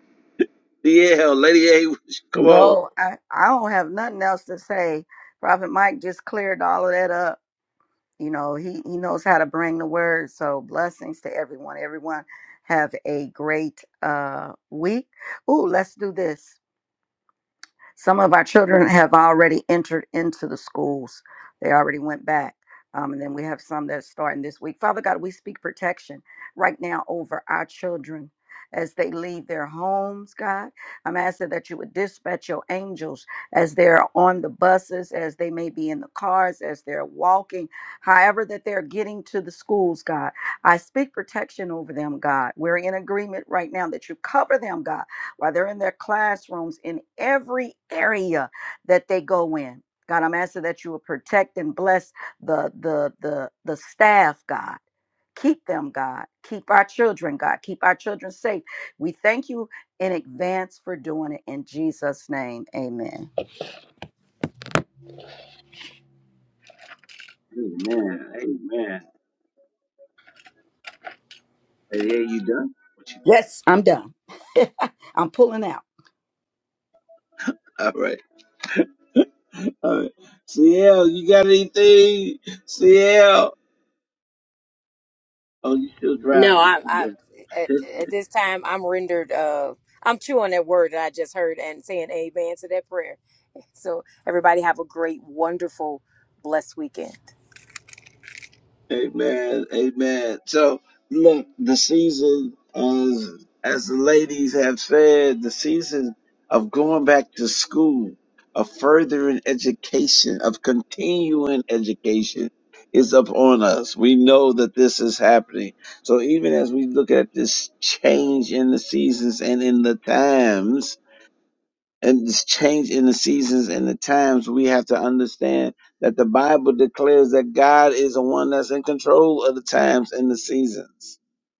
Speaker 1: DL, Lady A, come on.
Speaker 3: No, I, I don't have nothing else to say. Prophet Mike just cleared all of that up. You know, he, he knows how to bring the word. So blessings to everyone. Everyone have a great uh, week. Ooh, let's do this. Some of our children have already entered into the schools. They already went back. Um, and then we have some that are starting this week. Father God, we speak protection right now over our children as they leave their homes, God. I'm asking that you would dispatch your angels as they're on the buses, as they may be in the cars, as they're walking, however that they're getting to the schools, God. I speak protection over them, God. We're in agreement right now that you cover them, God while they're in their classrooms, in every area that they go in. God, I'm asking that you will protect and bless the the the the staff, God. Keep them, God. Keep our children, God. Keep our children safe. We thank you in advance for doing it in Jesus' name. Amen.
Speaker 1: Amen. Amen. Lady A, you done? What you,
Speaker 3: Yes, I'm done. I'm pulling out.
Speaker 1: All right. Uh, CL, you got anything? CL. Oh, you still
Speaker 4: No,
Speaker 1: driving. You
Speaker 4: I,
Speaker 1: can
Speaker 4: I
Speaker 1: do
Speaker 4: at, at this time I'm rendered. Uh, I'm chewing that word that I just heard and saying amen to that prayer. So everybody have a great, wonderful, blessed weekend.
Speaker 1: it. Amen. Amen. So, look, the season, as, as the ladies have said, the season of going back to school, of furthering education, of continuing education is upon us. We know that this is happening. So even as we look at this change in the seasons and in the times, and this change in the seasons and the times, we have to understand that the Bible declares that God is the one that's in control of the times and the seasons.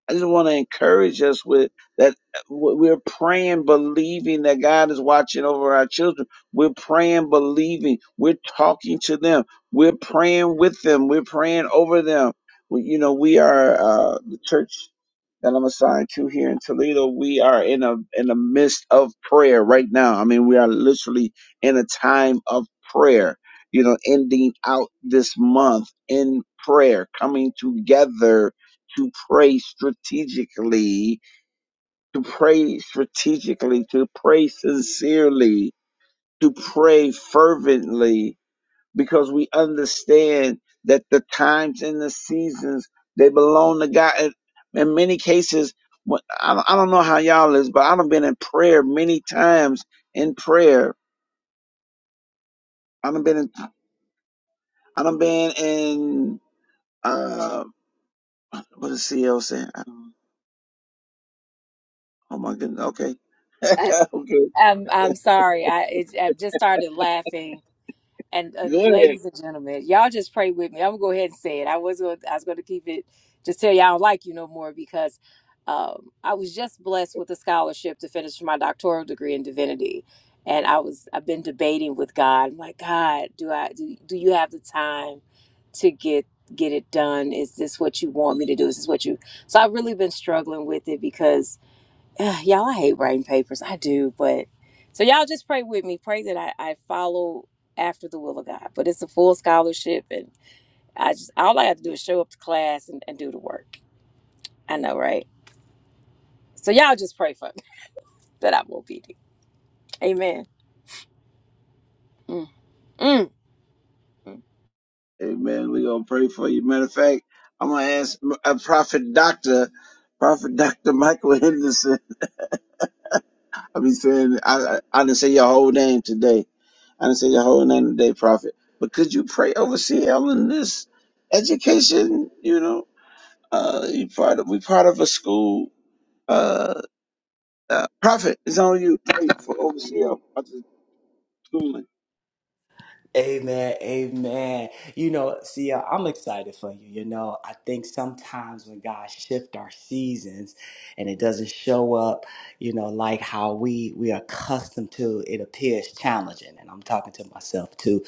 Speaker 1: I just want to encourage us with that w- we're praying, believing that God is watching over our children. We're praying, believing. We're talking to them. We're praying with them. We're praying over them. We, you know, we are uh, the church that I'm assigned to here in Toledo, we are in a in the midst of prayer right now. I mean, we are literally in a time of prayer. You know, ending out this month in prayer, coming together to pray strategically, to pray strategically, to pray sincerely, to pray fervently, because we understand that the times and the seasons they belong to God. And In many cases, when- I don't I don't know how y'all is, but I've been in prayer many times in prayer. I've been in, I've been in uh, what is CL saying? I don't- Oh my goodness. Okay,
Speaker 4: I,
Speaker 1: okay,
Speaker 4: I'm I'm sorry. I it, I've just started laughing And uh,
Speaker 1: go ahead.
Speaker 4: ladies and gentlemen, y'all just pray with me. I'm gonna go ahead and say it. I was gonna, I was gonna keep it. Just tell you I don't like you no more because um, I was just blessed with a scholarship to finish my doctoral degree in divinity, and I was I've been debating with God. I'm like, God, do I do, do you have the time to get get it done? Is this what you want me to do? Is this what you? So I've really been struggling with it because Ugh, y'all, I hate writing papers. I do, but so y'all just pray with me. Pray that I, I follow after the will of God. But it's a full scholarship, and I just all I have to do is show up to class and, and do the work. I know, right? So y'all just pray for me that I'm obedient. Amen. Mm, mm, mm.
Speaker 1: Amen. We gonna pray for you. Matter of fact, I'm gonna ask a prophet doctor, prophet doctor Michael Henderson. I be saying I I, I didn't say your whole name today. I didn't say your whole name today, Prophet. But could you pray over CL in this education? You know, uh, you part of we part of a school. Uh, uh Prophet is on you. Pray for over CL. about the schooling.
Speaker 2: Amen, amen. You know, see, uh, I'm excited for you. You know, I think sometimes when God shift our seasons and it doesn't show up, you know, like how we we are accustomed to, it appears challenging. And I'm talking to myself too.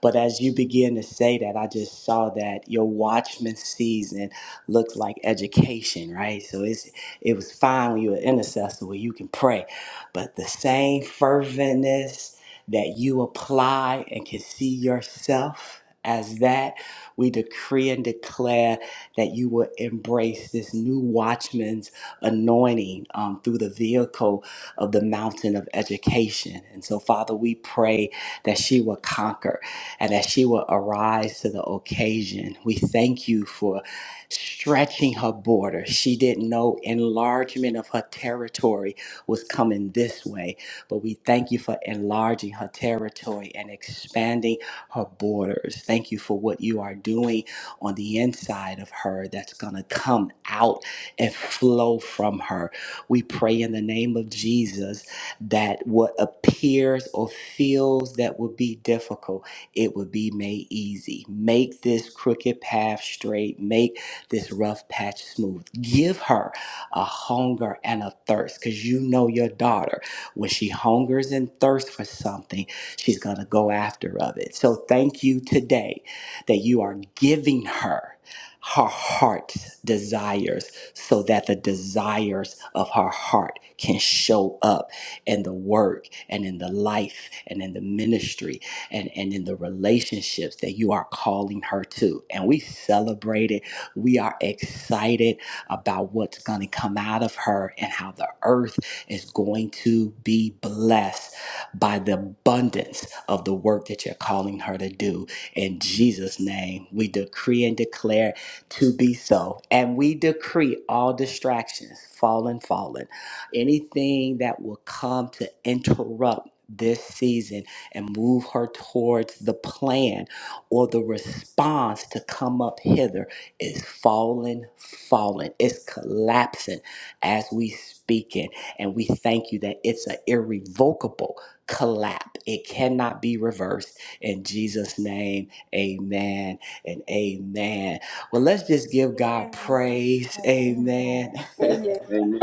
Speaker 2: But as you begin to say that, I just saw that your watchman season looks like education, right? So it's it was fine when you were an intercessor where you can pray, but the same ferventness, that you apply and can see yourself as that. We decree and declare that you will embrace this new watchman's anointing um, through the vehicle of the mountain of education. And so, Father, we pray that she will conquer and that she will arise to the occasion. We thank you for stretching her border. She didn't know enlargement of her territory was coming this way but we thank you for enlarging her territory and expanding her borders. Thank you for what you are doing on the inside of her that's going to come out and flow from her. We pray in the name of Jesus that what appears or feels that would be difficult, it would be made easy. Make this crooked path straight, make this rough patch smooth. Give her a hunger and a thirst because you know your daughter. When she hungers and thirsts for something, she's going to go after of it. So thank you today that you are giving her her heart's desires so that the desires of her heart can show up in the work and in the life and in the ministry and, and in the relationships that you are calling her to. And we celebrate it. We are excited about what's going to come out of her and how the earth is going to be blessed by the abundance of the work that you're calling her to do. In Jesus' name, we decree and declare to be so. And we decree all distractions, fallen, fallen, anything that will come to interrupt this season and move her towards the plan or the response to come up hither is falling, falling. It's collapsing as we speak and we thank you that it's an irrevocable collapse. It cannot be reversed. In Jesus' name, amen and amen. Well, let's just give God
Speaker 4: Amen.
Speaker 2: praise.
Speaker 4: Amen.
Speaker 2: Amen.
Speaker 4: Amen.
Speaker 1: Amen.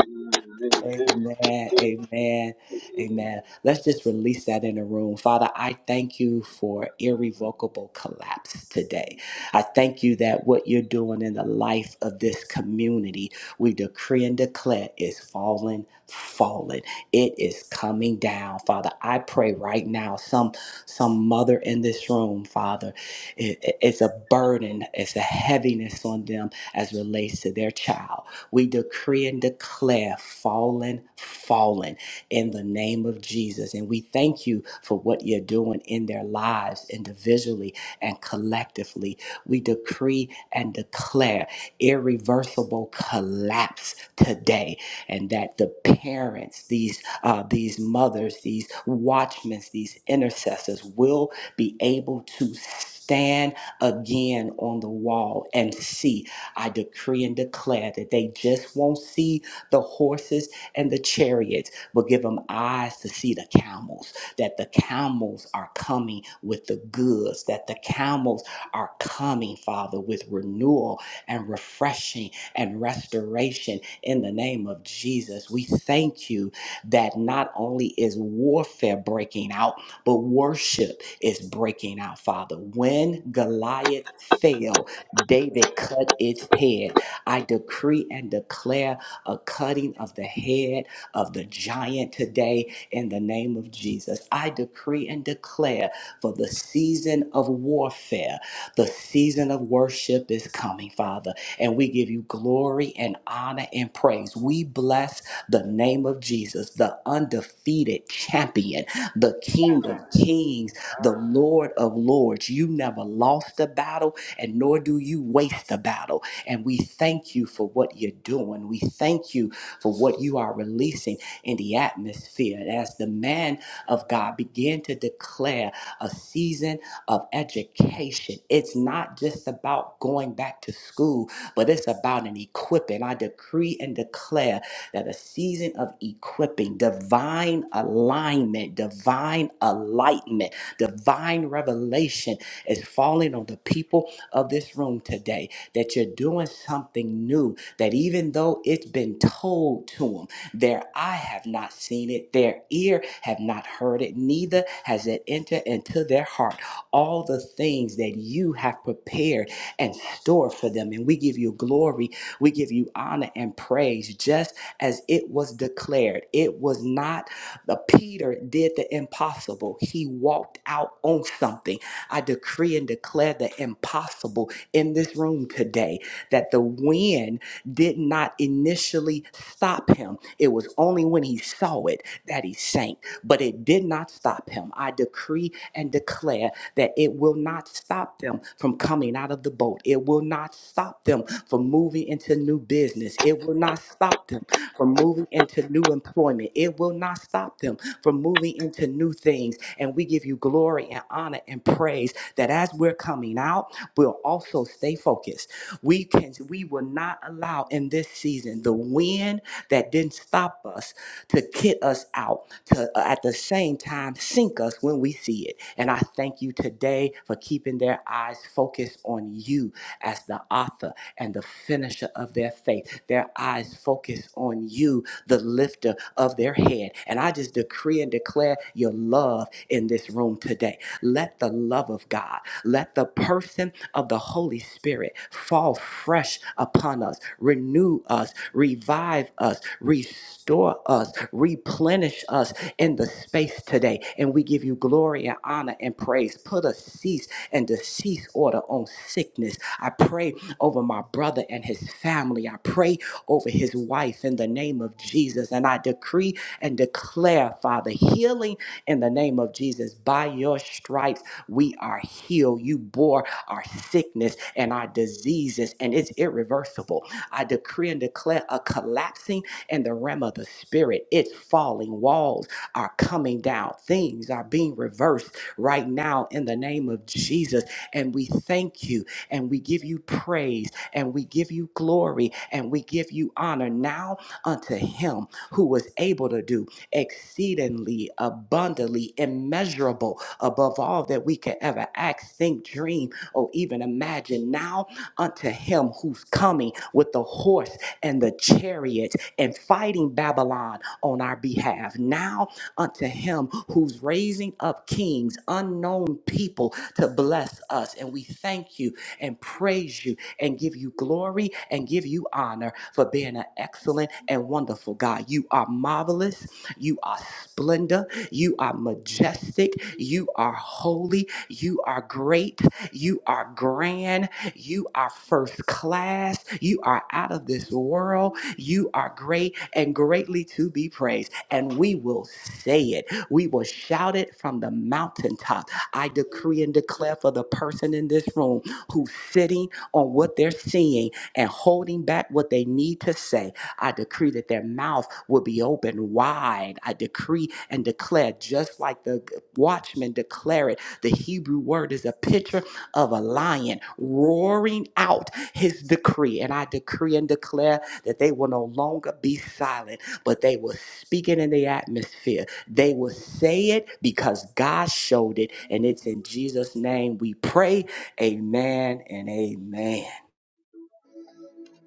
Speaker 2: Amen.
Speaker 1: Amen.
Speaker 2: Amen. Amen. Let's just release that in the room. Father, I thank you for irrevocable collapse today. I thank you that what you're doing in the life of this community, we decree and declare is falling, falling. It is coming down. Father, I pray right now, some some mother in this room, Father, it- it- it's a burden, it's a heaviness on them as relates to their child. We decree and declare fallen, fallen in the name of Jesus. And we thank you for what you're doing in their lives individually and collectively. We decree and declare irreversible collapse today, and that the parents, these uh, these mothers, these watchmen, these intercessors will be able to stand again on the wall and see I decree and declare that they just won't see the horses and the chariots, but give them eyes to see the camels, that the camels are coming with the goods, that the camels are coming, Father, with renewal and refreshing and restoration in the name of Jesus. We thank you that not only is warfare breaking out, but worship is breaking out, Father. When Goliath fell, David cut its head. I decree and declare a cutting of the head of the giant today in the name of Jesus. I decree and declare for the season of warfare, the season of worship is coming, Father. And we give you glory and honor and praise. We bless the name of Jesus, the undefeated champion, the King of kings, the Lord of lords. You never lost a battle and nor do you waste the battle. And we thank you for what you're doing. We thank you for what you are releasing in the atmosphere. And as the man of God began to declare a season of education, it's not just about going back to school, but it's about an equipping. I decree and declare that a season of equipping, divine alignment, divine enlightenment, divine revelation is falling on the people of this room today that you're doing something new, that even though it's been told to them, their eye have not seen it, their ear have not heard it, neither has it entered into their heart. All the things that you have prepared and stored for them. And we give you glory, we give you honor and praise, just as it was declared. It was not the Peter did the impossible. He walked out on something I decree and declare the impossible in this room today that the wind did not initially stop him. It was only when he saw it that he sank, but it did not stop him. I decree and declare that it will not stop them from coming out of the boat. It will not stop them from moving into new business. It will not stop them from moving into new employment. It will not stop them from moving into new things. And we give you glory and honor and praise that as we're coming out, we'll also stay focused. We can we will not allow in this season the wind that didn't stop us to kit us out to uh, at the same time sink us when we see it. And I thank you today for keeping their eyes focused on you as the author and the finisher of their faith. Their eyes focus on you, the lifter of their head. And I just decree and declare your love in this room today. Let the love of God, let the person of the Holy Spirit fall fresh upon us, renew us, revive us, restore us, replenish replenish us in the space today. And we give you glory and honor and praise. Put a cease and decease order on sickness. I pray over my brother and his family. I pray over his wife in the name of Jesus. And I decree and declare, Father, healing in the name of Jesus. By your stripes, we are healed. You bore our sickness and our diseases, and it's irreversible. I decree and declare a collapsing in the realm of the spirit. It's falling. Walls are coming down. Things are being reversed right now in the name of Jesus. And we thank you and we give you praise and we give you glory and we give you honor now unto him who was able to do exceedingly abundantly immeasurable above all that we could ever ask, think, dream, or even imagine. Now unto him who's coming with the horse and the chariot and fighting Babylon on our behalf. Now unto him who's raising up kings, unknown people to bless us. And we thank you and praise you and give you glory and give you honor for being an excellent and wonderful God. You are marvelous. You are splendor. You are majestic. You are holy. You are great. You are grand. You are first class. You are out of this world. You are great and greatly to be praised. And we will say it. We will shout it from the mountaintop. I decree and declare for the person in this room who's sitting on what they're seeing and holding back what they need to say. I decree that their mouth will be open wide. I decree and declare, just like the watchman declare it, the Hebrew word is a picture of a lion roaring out his decree. And I decree and declare that they will no longer be silent, but they will speak it in the atmosphere. They will say it because God showed it. And it's in Jesus' name we pray. Amen and amen.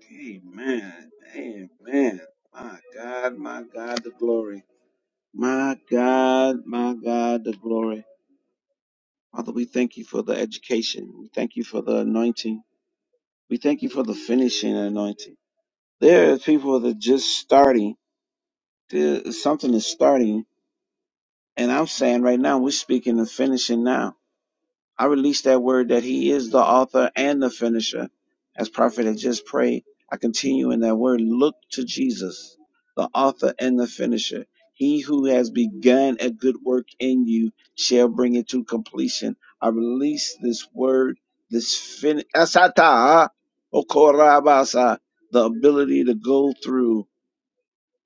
Speaker 1: Amen. Amen. Amen. My God, my God, the glory. My God, my God, the glory. Father, we thank you for the education. We thank you for the anointing. We thank you for the finishing anointing. There are people that just starting. to- Something is starting. And I'm saying right now, we're speaking of finishing now. I release that word that He is the author and the finisher. As Prophet had just prayed, I continue in that word. Look to Jesus, the author and the finisher. He who has begun a good work in you shall bring it to completion. I release this word, this fin asata okorabasa, the ability to go through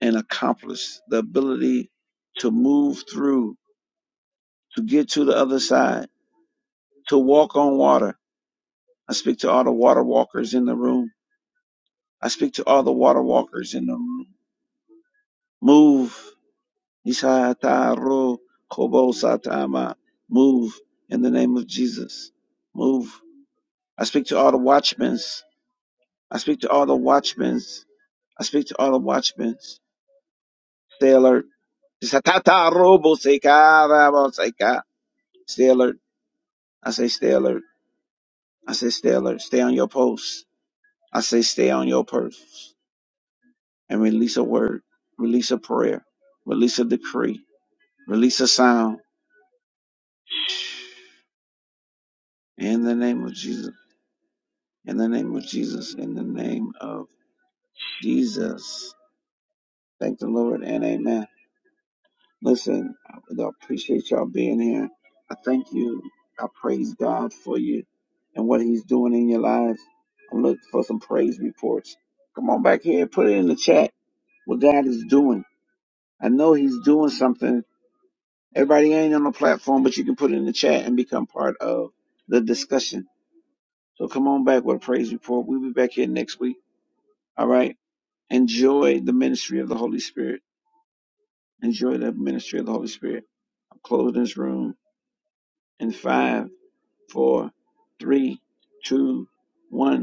Speaker 1: and accomplish, the ability to move through, to get to the other side, to walk on water I speak to all the water walkers in the room. I speak to all the water walkers in the room. Move. Isataro kobo satama. Move in the name of Jesus. Move. I speak to all the watchmen. I speak to all the watchmen. I speak to all the watchmen. Stay alert. Isataro boseka raboseka. Stay alert. I say stay alert. I say stay alert. Stay on your post. I say stay on your purse. and release a word, release a prayer, release a decree, release a sound in the name of Jesus. In the name of Jesus. In the name of Jesus. Thank the Lord and amen. Listen, I I appreciate y'all being here. I thank you. I praise God for you and what He's doing in your lives. I'm looking for some praise reports. Come on back here, put it in the chat what God is doing. I know He's doing something Everybody ain't on the platform, but you can put it in the chat and become part of the discussion. So come on back with a praise report. We'll be back here next week. All right. Enjoy the ministry of the Holy Spirit. Enjoy the ministry of the Holy Spirit. I'm closing this room in five, four, three, two, one.